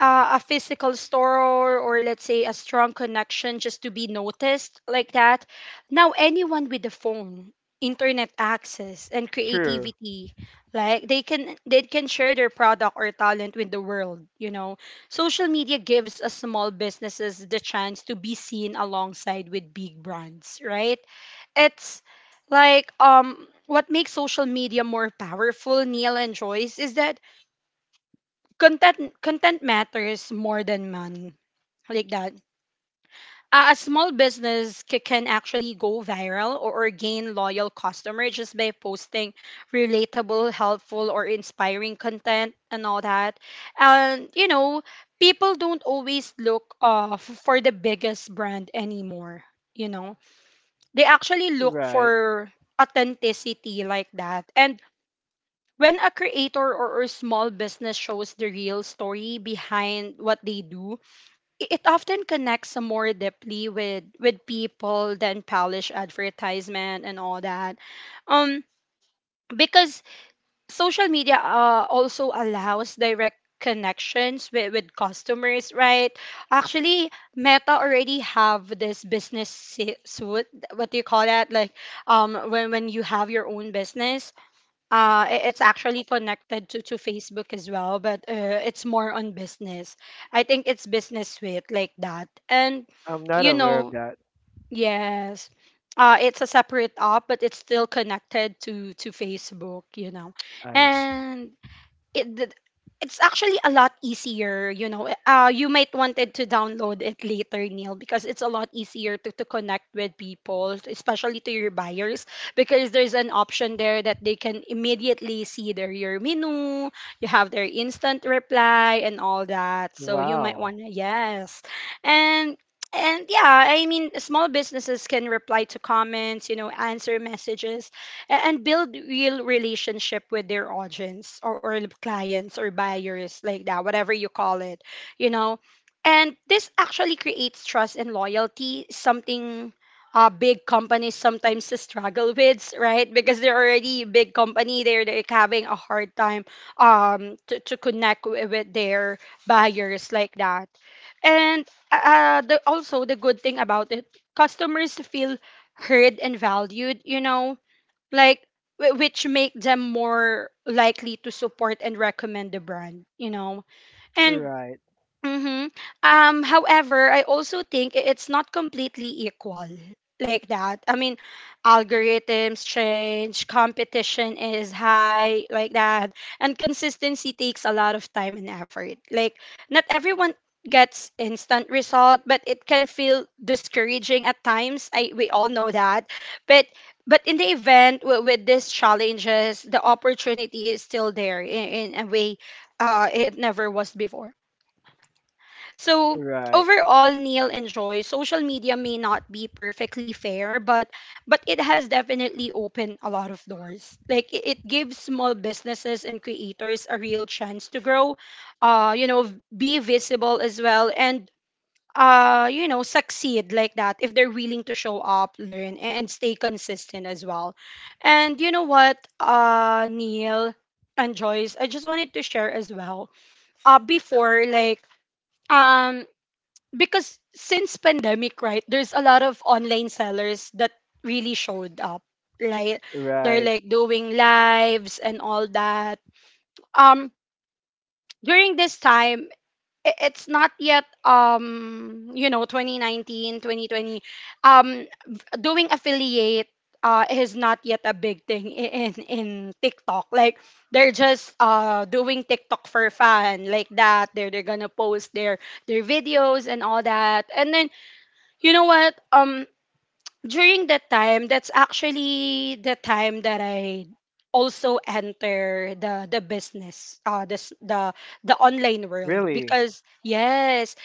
A: a physical store, or let's say a strong connection just to be noticed like that. Now anyone with a phone, internet access and
B: True.
A: creativity, like they can share their product or talent with the world, you know. Social media gives us small businesses the chance to be seen alongside with big brands, right? It's like what makes social media more powerful, Neil and Joyce, is that content matters more than money, like that. A small business can actually go viral or gain loyal customer just by posting relatable, helpful or inspiring content and all that. And you know, people don't always look for the biggest brand anymore, you know. They actually look
B: Right.
A: for authenticity like that. And when a creator, or a small business shows the real story behind what they do, it often connects more deeply with people than polished advertisement and all that. Um, because social media also allows direct connections with customers, right? Actually, meta already have this business suit, what do you call that, like when you have your own business, it's actually connected to Facebook as well, but it's more on business. I think it's business suite like that. And,
B: I'm not
A: you
B: aware of
A: know,
B: that.
A: yes, it's a separate app, but it's still connected to Facebook, you know.
B: I see.
A: And it did- it's actually a lot easier, you know. You might wanted to download it later, Neil, because it's a lot easier to connect with people, especially to your buyers because there's an option there that they can immediately see their your menu. You have their instant reply and all that, so you might
B: Wow.
A: want to, yes. and and yeah, I mean, small businesses can reply to comments, you know, answer messages, and build real relationship with their audience or clients or buyers, like that, whatever you call it, you know. And this actually creates trust and loyalty, something big companies sometimes struggle with, right? Because they're already a big company, they're like having a hard time to connect with their buyers, like that. And the, also the good thing about it, customers feel heard and valued, you know. Like which make them more likely to support and recommend the brand, you know. And
B: Right.
A: Mm-hmm. However, I also think it's not completely equal like that. I mean, algorithms change, competition is high like that, and consistency takes a lot of time and effort. Like, not everyone gets instant result, but it can feel discouraging at times. I we all know that. But but in the event with these challenges, the opportunity is still there in a way it never was before. So
B: Right.
A: overall, Neil and Joy, social media may not be perfectly fair, but it has definitely opened a lot of doors. Like it gives small businesses and creators a real chance to grow, you know, be visible as well, and you know, succeed like that if they're willing to show up, learn, and stay consistent as well. And you know what, Neil and Joyce, I just wanted to share as well. Before, like um because since pandemic, right, there's a lot of online sellers that really showed up, like they're
B: Right.
A: like doing lives and all that. um During this time, it's not yet you know, 2019, 2020. um Doing affiliate is not yet a big thing in TikTok. Like they're just doing TikTok for fun, like that. They're gonna post their videos and all that. And then, you know what? During that time, that's actually the time that I also enter the business, this the online world
B: Really?
A: because, yes,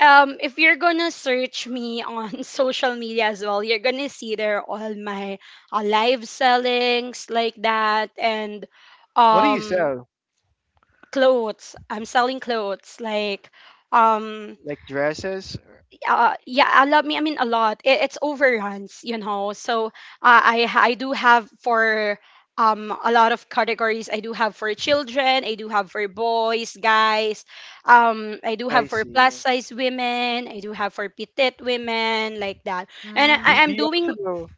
A: if you're gonna search me on social media as well, you're gonna see there all my live sellings like that. And
B: What do you
A: um
B: sell?
A: clothes. I'm selling clothes like um
B: Like dresses?
A: yeah, a lot. Me I mean a lot. It, it's overruns, you know. So I do have for a lot of categories. I do have for children. I do have for boys, guys. I do
B: I
A: have for plus
B: see.
A: size women. I do have for petite women, like that. And
B: They,
C: Mm.
A: I, I'm
B: they also
A: doing.
B: do,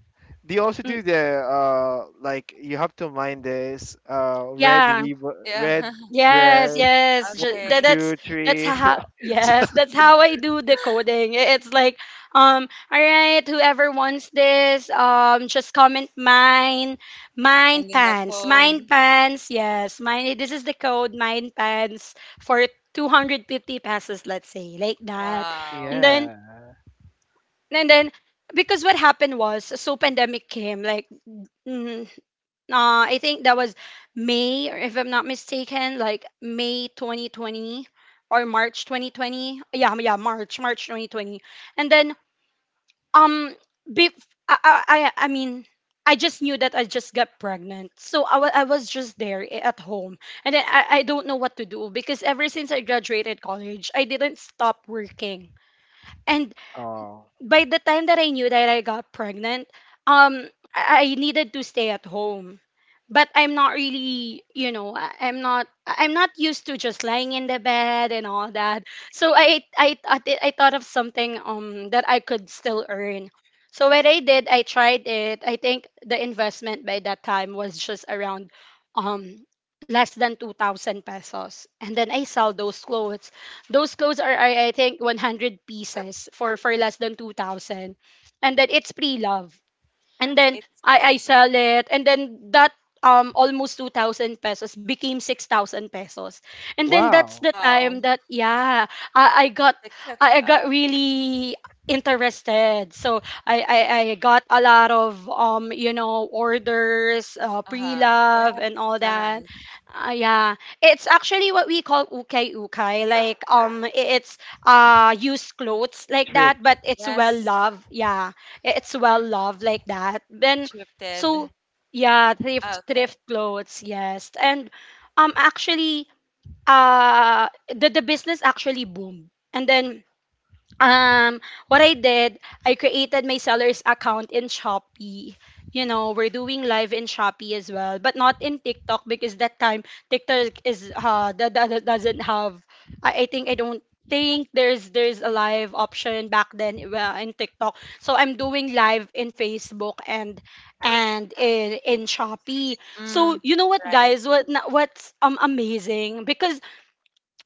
B: they also
A: mm,
B: do the like you have to mind this
A: Yeah,
B: red
C: Yeah.
A: yes,
B: dress
A: yes.
B: one
A: That,
C: Okay.
B: two
A: that's
B: three
A: how,
B: so,
A: yes, that's how I do the coding. It's like, all right, whoever wants this, just comment mine mine
C: And then the
A: pants. Mine
C: code.
A: pants. Yes, mine, this is the code, mine pants for 250 pesos, let's say, like that. And
C: Wow.
A: then,
B: yeah.
A: and then, because what happened was so pandemic came, like mm, I think that was May, or if I'm not mistaken, like May 2020 or March 2020. Yeah, yeah, March, March 2020. And then, um, I mean, I just knew that I just got pregnant. So I was just there at home. And then I don't know what to do because ever since I graduated college, I didn't stop working. And
B: Oh
A: by the time that I knew that I got pregnant, um, I needed to stay at home. But I'm not really, you know, I'm not used to just lying in the bed and all that. So I thought of something that I could still earn. So what I did, I tried it. I think the investment by that time was just around um less than 2,000 pesos, and then I sell those clothes. Those clothes are, I think 100 pieces for less than 2,000. And then it's pre-love. And then
C: It's
A: I sell it, and then that almost 2000 pesos became 6000 pesos, and then that's
B: wow.
A: the
C: wow.
A: time that, yeah, I got,
C: TikTok.
A: I got really interested. So I got a lot of you know, orders,
C: Uh-huh. Yeah.
A: pre-love and all that.
C: Nice.
A: Yeah, it's actually what we call ukay ukay, like it's, used clothes like that,
B: Trips.
A: but it's well
C: Yes.
A: loved, yeah, it's well loved, like that. Then
C: Scripted.
A: so, yeah, thrift
C: Okay.
A: clothes, yes. And actually, the business actually boomed. And then, um what I did, I created my seller's account in Shopee. You know, we're doing live in Shopee as well, but not in TikTok, because that time TikTok is that doesn't have. I think I don't think there's a live option back then, in TikTok. So I'm doing live in Facebook and in Shopee. So
C: Mm.
A: you know what,
C: Right.
A: guys, what's amazing, because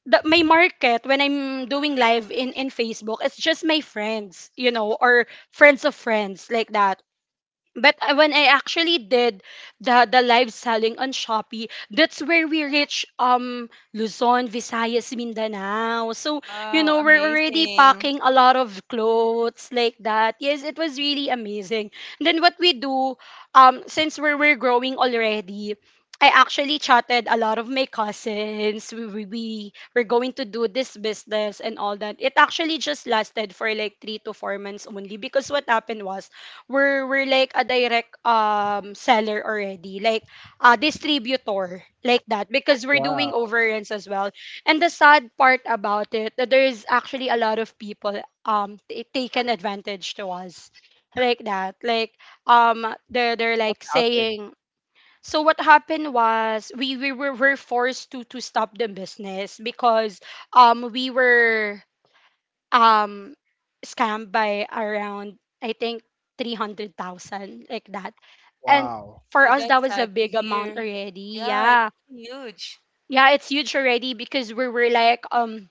A: my market when I'm doing live in Facebook, it's just my friends, you know, or friends of friends, like that. But when I actually did the live selling on Shopee, that's where we reach Luzon, Visayas, Mindanao. So, you know,
C: Wow.
A: we're already
C: Amazing.
A: packing a lot of clothes like that. Yes, it was really amazing. And then what we do, since we're growing already, I actually chatted a lot of my cousins. We were going to do this business and all that. It actually just lasted for like 3 to 4 months only, because what happened was we're like a direct seller already, like a distributor like that, because we're doing
B: Wow.
A: overruns as well. And the sad part about it, that there is actually a lot of people taken advantage to us like that, like they're
B: What
A: like
B: happened?
A: saying. So what happened was we were forced to stop the business, because we were um scammed by around, I think, 300,000, like that. And
B: Wow.
A: for
C: Oh,
A: us, that
C: that's
A: was a
C: sad to
A: big amount
C: hear.
A: already.
C: Yeah. It's
A: Yeah.
C: huge.
A: Yeah, it's huge already, because we were like,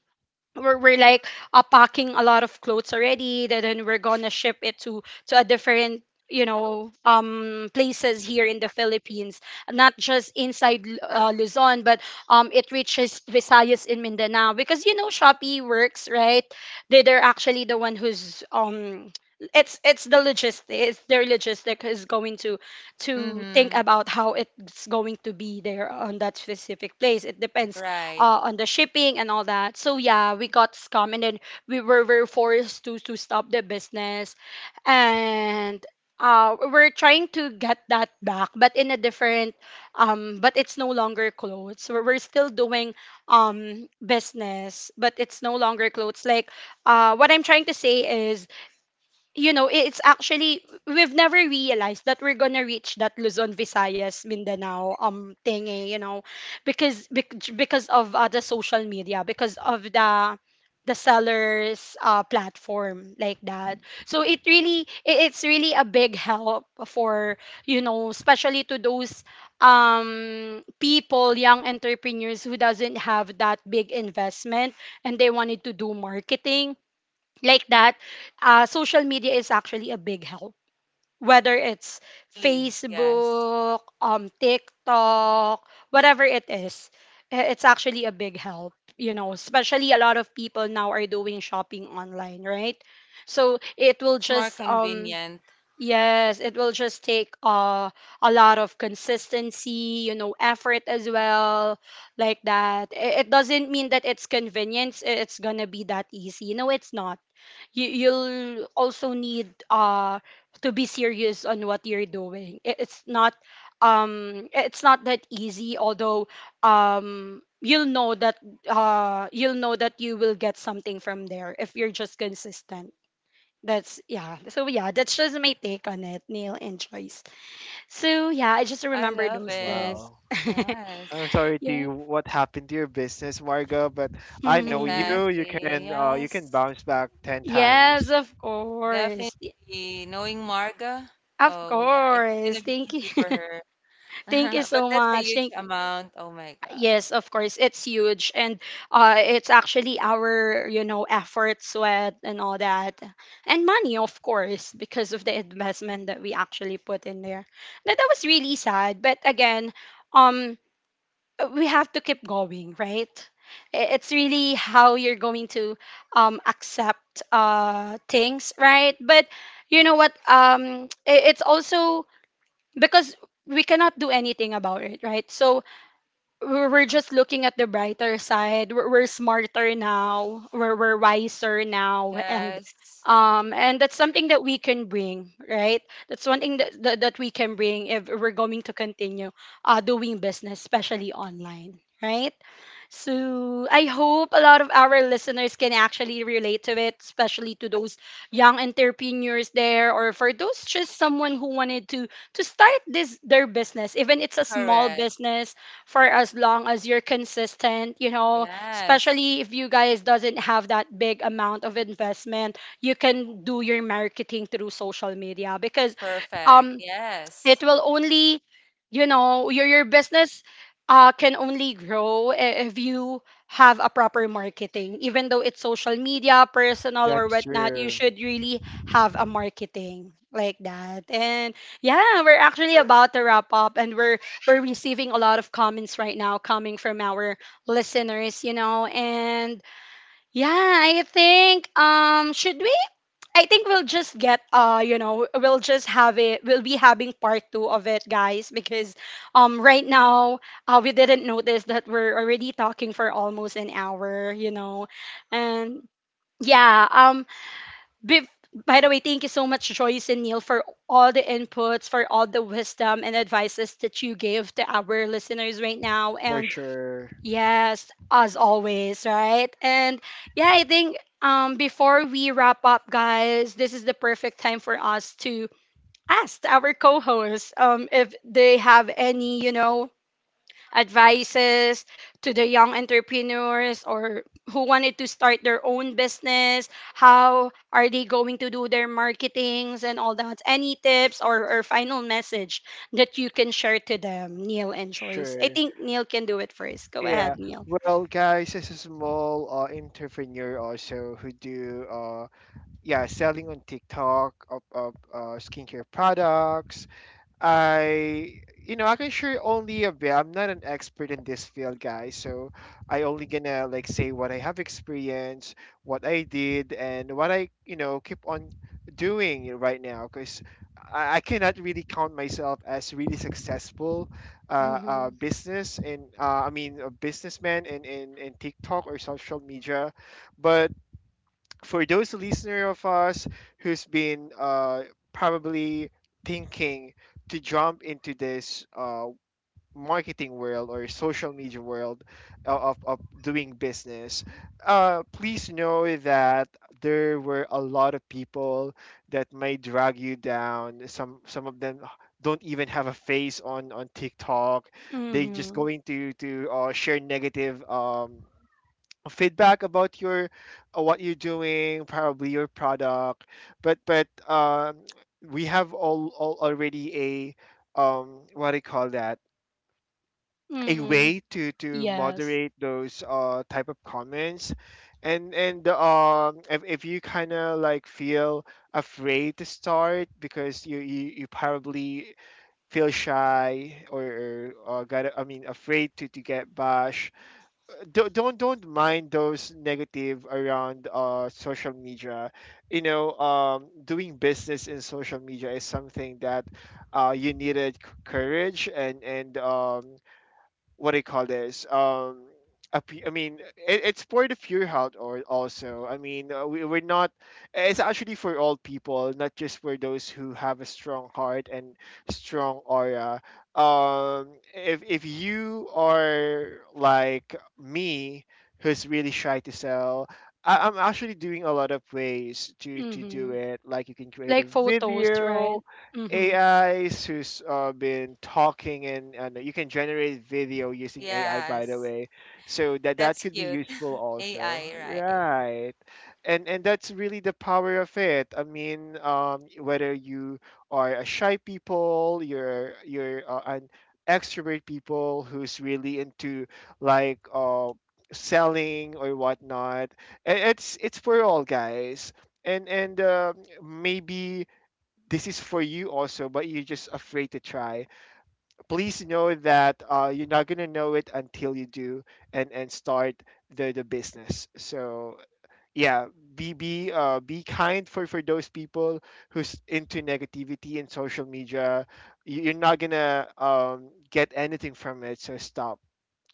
A: we're like, packing a lot of clothes already, then we're gonna ship it to a different, you know, places here in the Philippines, not just inside Luzon, but it reaches Visayas in Mindanao, because you know Shopee works, right? They, they're actually the one who's, it's the logistics, their logistic is going to think
C: Mm-hmm.
A: about how it's going to be there on that specific place. It depends
C: Right.
A: on the shipping and all that. So yeah, we got scammed, and then we were forced to stop the business, and we're trying to get that back, but in a different, but it's no longer clothes. We're still doing business, but it's no longer clothes. Like, what I'm trying to say is, you know, it's actually, we've never realized that we're gonna reach that Luzon, Visayas, Mindanao thingy, you know, because because of the social media, because of the seller's, platform like that. So it really, it's really a big help for, you know, especially to those people, young entrepreneurs who doesn't have that big investment and they wanted to do marketing like that, social media is actually a big help. Whether it's
C: Really. Yes.
A: Facebook, TikTok, whatever it is, it's actually a big help. You know, especially a lot of people now are doing shopping online, right? So it
C: Yes,
A: will
C: it's more
A: just
C: convenient.
A: yes, it will just take, a lot of consistency, you know, effort as well, like that. It doesn't mean that it's convenience. It's gonna be that easy. No, it's not. You, you'll also need to be serious on what you're doing. It's not it's not that easy, although um you'll know that you'll know that you will get something from there if you're just consistent. That's, yeah, so yeah, that's just my take on it, Neil and Joyce. So yeah, I just
C: Oh, I
A: remember
C: love
A: those
C: it.
A: days.
B: Wow.
C: Yes.
B: I'm sorry to
A: Yeah.
B: you what happened to your business, Margo, but I know you
A: Hmm.
C: Exactly.
B: can you can
C: Yes.
B: bounce back ten times.
A: Yes, of
C: Definitely.
A: course.
C: Knowing Marga,
A: Of
C: oh yeah, it's
A: course.
C: gonna be
A: Thank
C: easy
A: you.
C: for her.
A: Thank you
C: But
A: so
C: that's a
A: much.
C: huge
A: Thank.
C: amount. Oh my God.
A: Yes, of course, it's huge, and it's actually our, you know, effort, sweat, and all that, and money, of course, because of the investment that we actually put in there. That was really sad, but again, um, we have to keep going, right? It's really how you're going to accept things, right? But you know what? It's also because we cannot do anything about it, right? So we're just looking at the brighter side. We're smarter now. We're wiser now,
C: Yes.
A: and that's something that we can bring, right? That's one thing that that we can bring if we're going to continue, doing business, especially online, right? So I hope a lot of our listeners can actually relate to it, especially to those young entrepreneurs there, or for those just someone who wanted to start this their business, even it's a small
C: Correct.
A: business. For as long as you're consistent, you know,
C: Yes.
A: especially if you guys doesn't have that big amount of investment, you can do your marketing through social media, because
C: Perfect.
A: um
C: Yes.
A: it will only, you know, your business, can only grow if you have a proper marketing, even though it's social media personal
B: That's
A: or whatnot, you
B: true.
A: should really have a marketing like that. And yeah, we're actually about to wrap up, and we're receiving a lot of comments right now coming from our listeners, you know. And yeah, I think should we? I think we'll just get, you know, we'll just have it, we'll be having part 2 of it, guys, because right now, we didn't notice that we're already talking for almost an hour, you know. And yeah, bef- by the way, thank you so much Joyce and Neil for all the inputs, for all the wisdom and advices that you gave to our listeners right now.
B: For
A: And
B: sure.
A: yes, as always, right? And yeah, I think before we wrap up, guys, this is the perfect time for us to ask our co-hosts if they have any, you know, advices to the young entrepreneurs or who wanted to start their own business, how are they going to do their marketings and all that? Any tips or final message that you can share to them, Neil and Joyce? I
B: Sure.
A: think Neil can do it first. Go
B: Yeah.
A: ahead, Neil.
B: Well, guys, as a small entrepreneur also who do yeah, selling on TikTok of, skincare products, I, you know, I can share only a bit. I'm not an expert in this field, guys. So I only gonna like say what I have experienced, what I did, and what I, you know, keep on doing right now. Because I cannot really count myself as really successful
A: Mm-hmm.
B: business and I mean, a businessman in, in TikTok or social media, but for those listener of us who's been probably thinking to jump into this marketing world or social media world of, doing business, please know that there were a lot of people that may drag you down. Some of them don't even have a face on TikTok. They just
A: Mm-hmm.
B: going to share negative feedback about your what you're doing, probably your product. But we have all already a what do you call that? A
A: Mm-hmm.
B: way to
A: Yes.
B: moderate those type of comments. And If you kind of like feel afraid to start because you you probably feel shy, or got, I mean, afraid to get bashed, don't mind those negative around social media. You know, doing business in social media is something that you needed courage and what do you call this? I mean, it, it's for the pure heart, or also. I mean, we, we're not. It's actually for all people, not just for those who have a strong heart and strong aura. If you are like me, who's really shy to sell. I'm actually doing a lot of ways to do
A: Mm-hmm.
B: it. Like you can create a
A: Like photos, right?
B: video,
A: Mm-hmm.
B: AIs who's been talking, and you can generate video using AI, by the
C: Yes.
B: way, so that
C: That's
B: could be
C: cute.
B: useful also,
C: AI, right?
B: right? And that's really the power of it. I mean, whether you are a shy people, you're an extrovert people who's really into like selling or whatnot, it's for all, guys. And Maybe this is for you also, but you're just afraid to try. Please know that you're not gonna know it until you do and start the business. So yeah, be kind for those people who's into negativity and social media. You- You're not gonna get anything from it. So stop.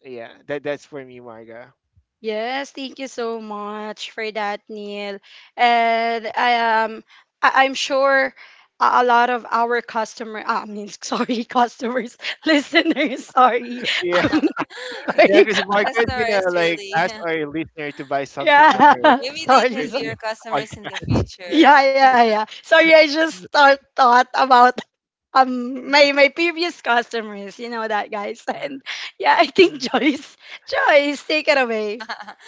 B: Yeah, that's for me, Marga.
A: Yes, thank you so much for that, Neil. And I I'm sure a lot of our customer, I mean sorry, customers, listeners, sorry.
B: Yeah,
A: I'm
B: yeah,
C: Yeah.
A: sorry.
B: because Marga is
C: Customer
B: gonna
C: is
B: like
C: really.
B: ask our listener to buy something from her
A: Yeah.
C: Maybe they
A: Sorry,
B: for
C: can be
A: sorry.
B: the
C: your customers in the
B: podcast.
A: Yeah,
C: future.
A: yeah, yeah. Sorry, I just thought about my previous customers, you know that, guys. And yeah, I think, Joyce, Joyce, take it away.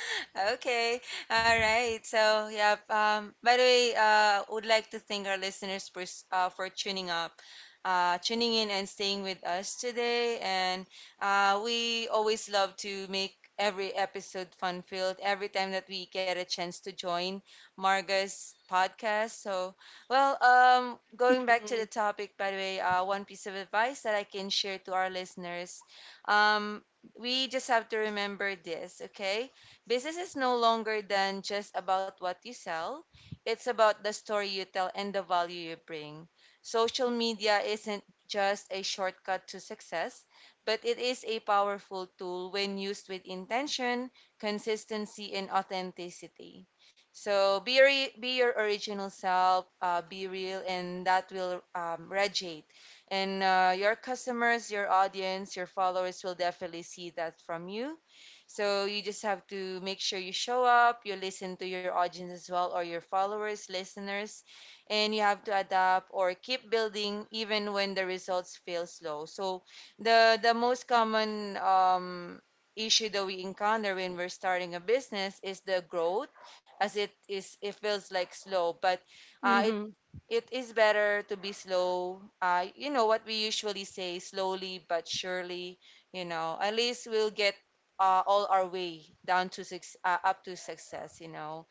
C: Okay. All right. So, yeah. By the way, would like to thank our listeners for for tuning up, tuning in and staying with us today. And we always love to make every episode fun filled every time that we get a chance to join Marga's podcast. So, well, going back to the
A: Mm-hmm.
C: topic, by the way, one piece of advice that I can share to our listeners. Um, we just have to remember this, okay? Business is no longer than just about what you sell. It's about the story you tell and the value you bring. Social media isn't just a shortcut to success, but it is a powerful tool when used with intention, consistency, and authenticity. So be your original self, be real, and that will radiate, and your customers, your audience, your followers will definitely see that from you. So you just have to make sure you show up, you listen to your audience as well, or your followers, listeners, and you have to adapt or keep building even when the results feel slow. So the most common issue that we encounter when we're starting a business is the growth. As it is, it feels like slow, but uh,
A: Mm-hmm.
C: it is better to be slow. You know what we usually say, slowly but surely. You know, at least we'll get all our way down to six, up to success. You know,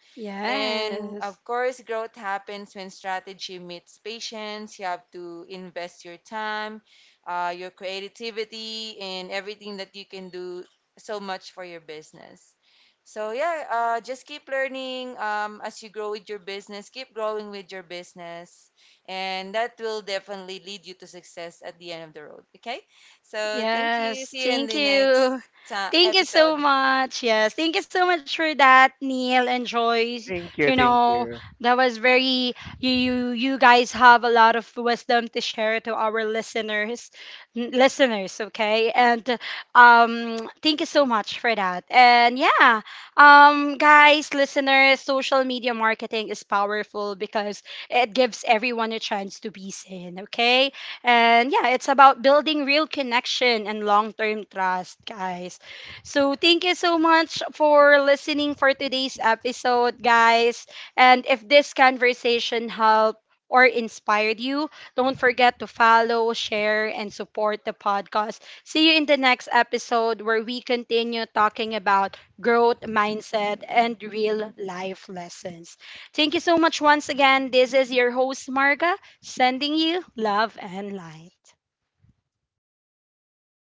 C: and
A: Yes.
C: of course, growth happens when strategy meets patience. You have to invest your time, your creativity, and everything that you can do so much for your business. So, yeah, just keep learning, as you grow with your business, keep growing with your business, and that will definitely lead you to success at the end of the road. Okay? So, thank you.
A: Yes,
C: See you in
A: thank
C: the next
A: you. Thank you
C: episode.
A: so much. Yes, thank you so much for that, Neil and Joyce.
B: Thank
A: You
B: you, thank
A: know,
B: you.
A: that was very, you you guys have a lot of wisdom to share to our listeners, listeners, okay? And thank you so much for that. And yeah, guys, listeners, social media marketing is powerful because it gives everyone a chance to be seen, okay? And yeah, it's about building real connection and long term trust, guys. So thank you so much for listening for today's episode, guys. And if this conversation helped, or inspired you, don't forget to follow, share, and support the podcast. See you in the next episode where we continue talking about growth mindset and real life lessons. Thank you so much once again. This is your host, Marga, sending you love and light.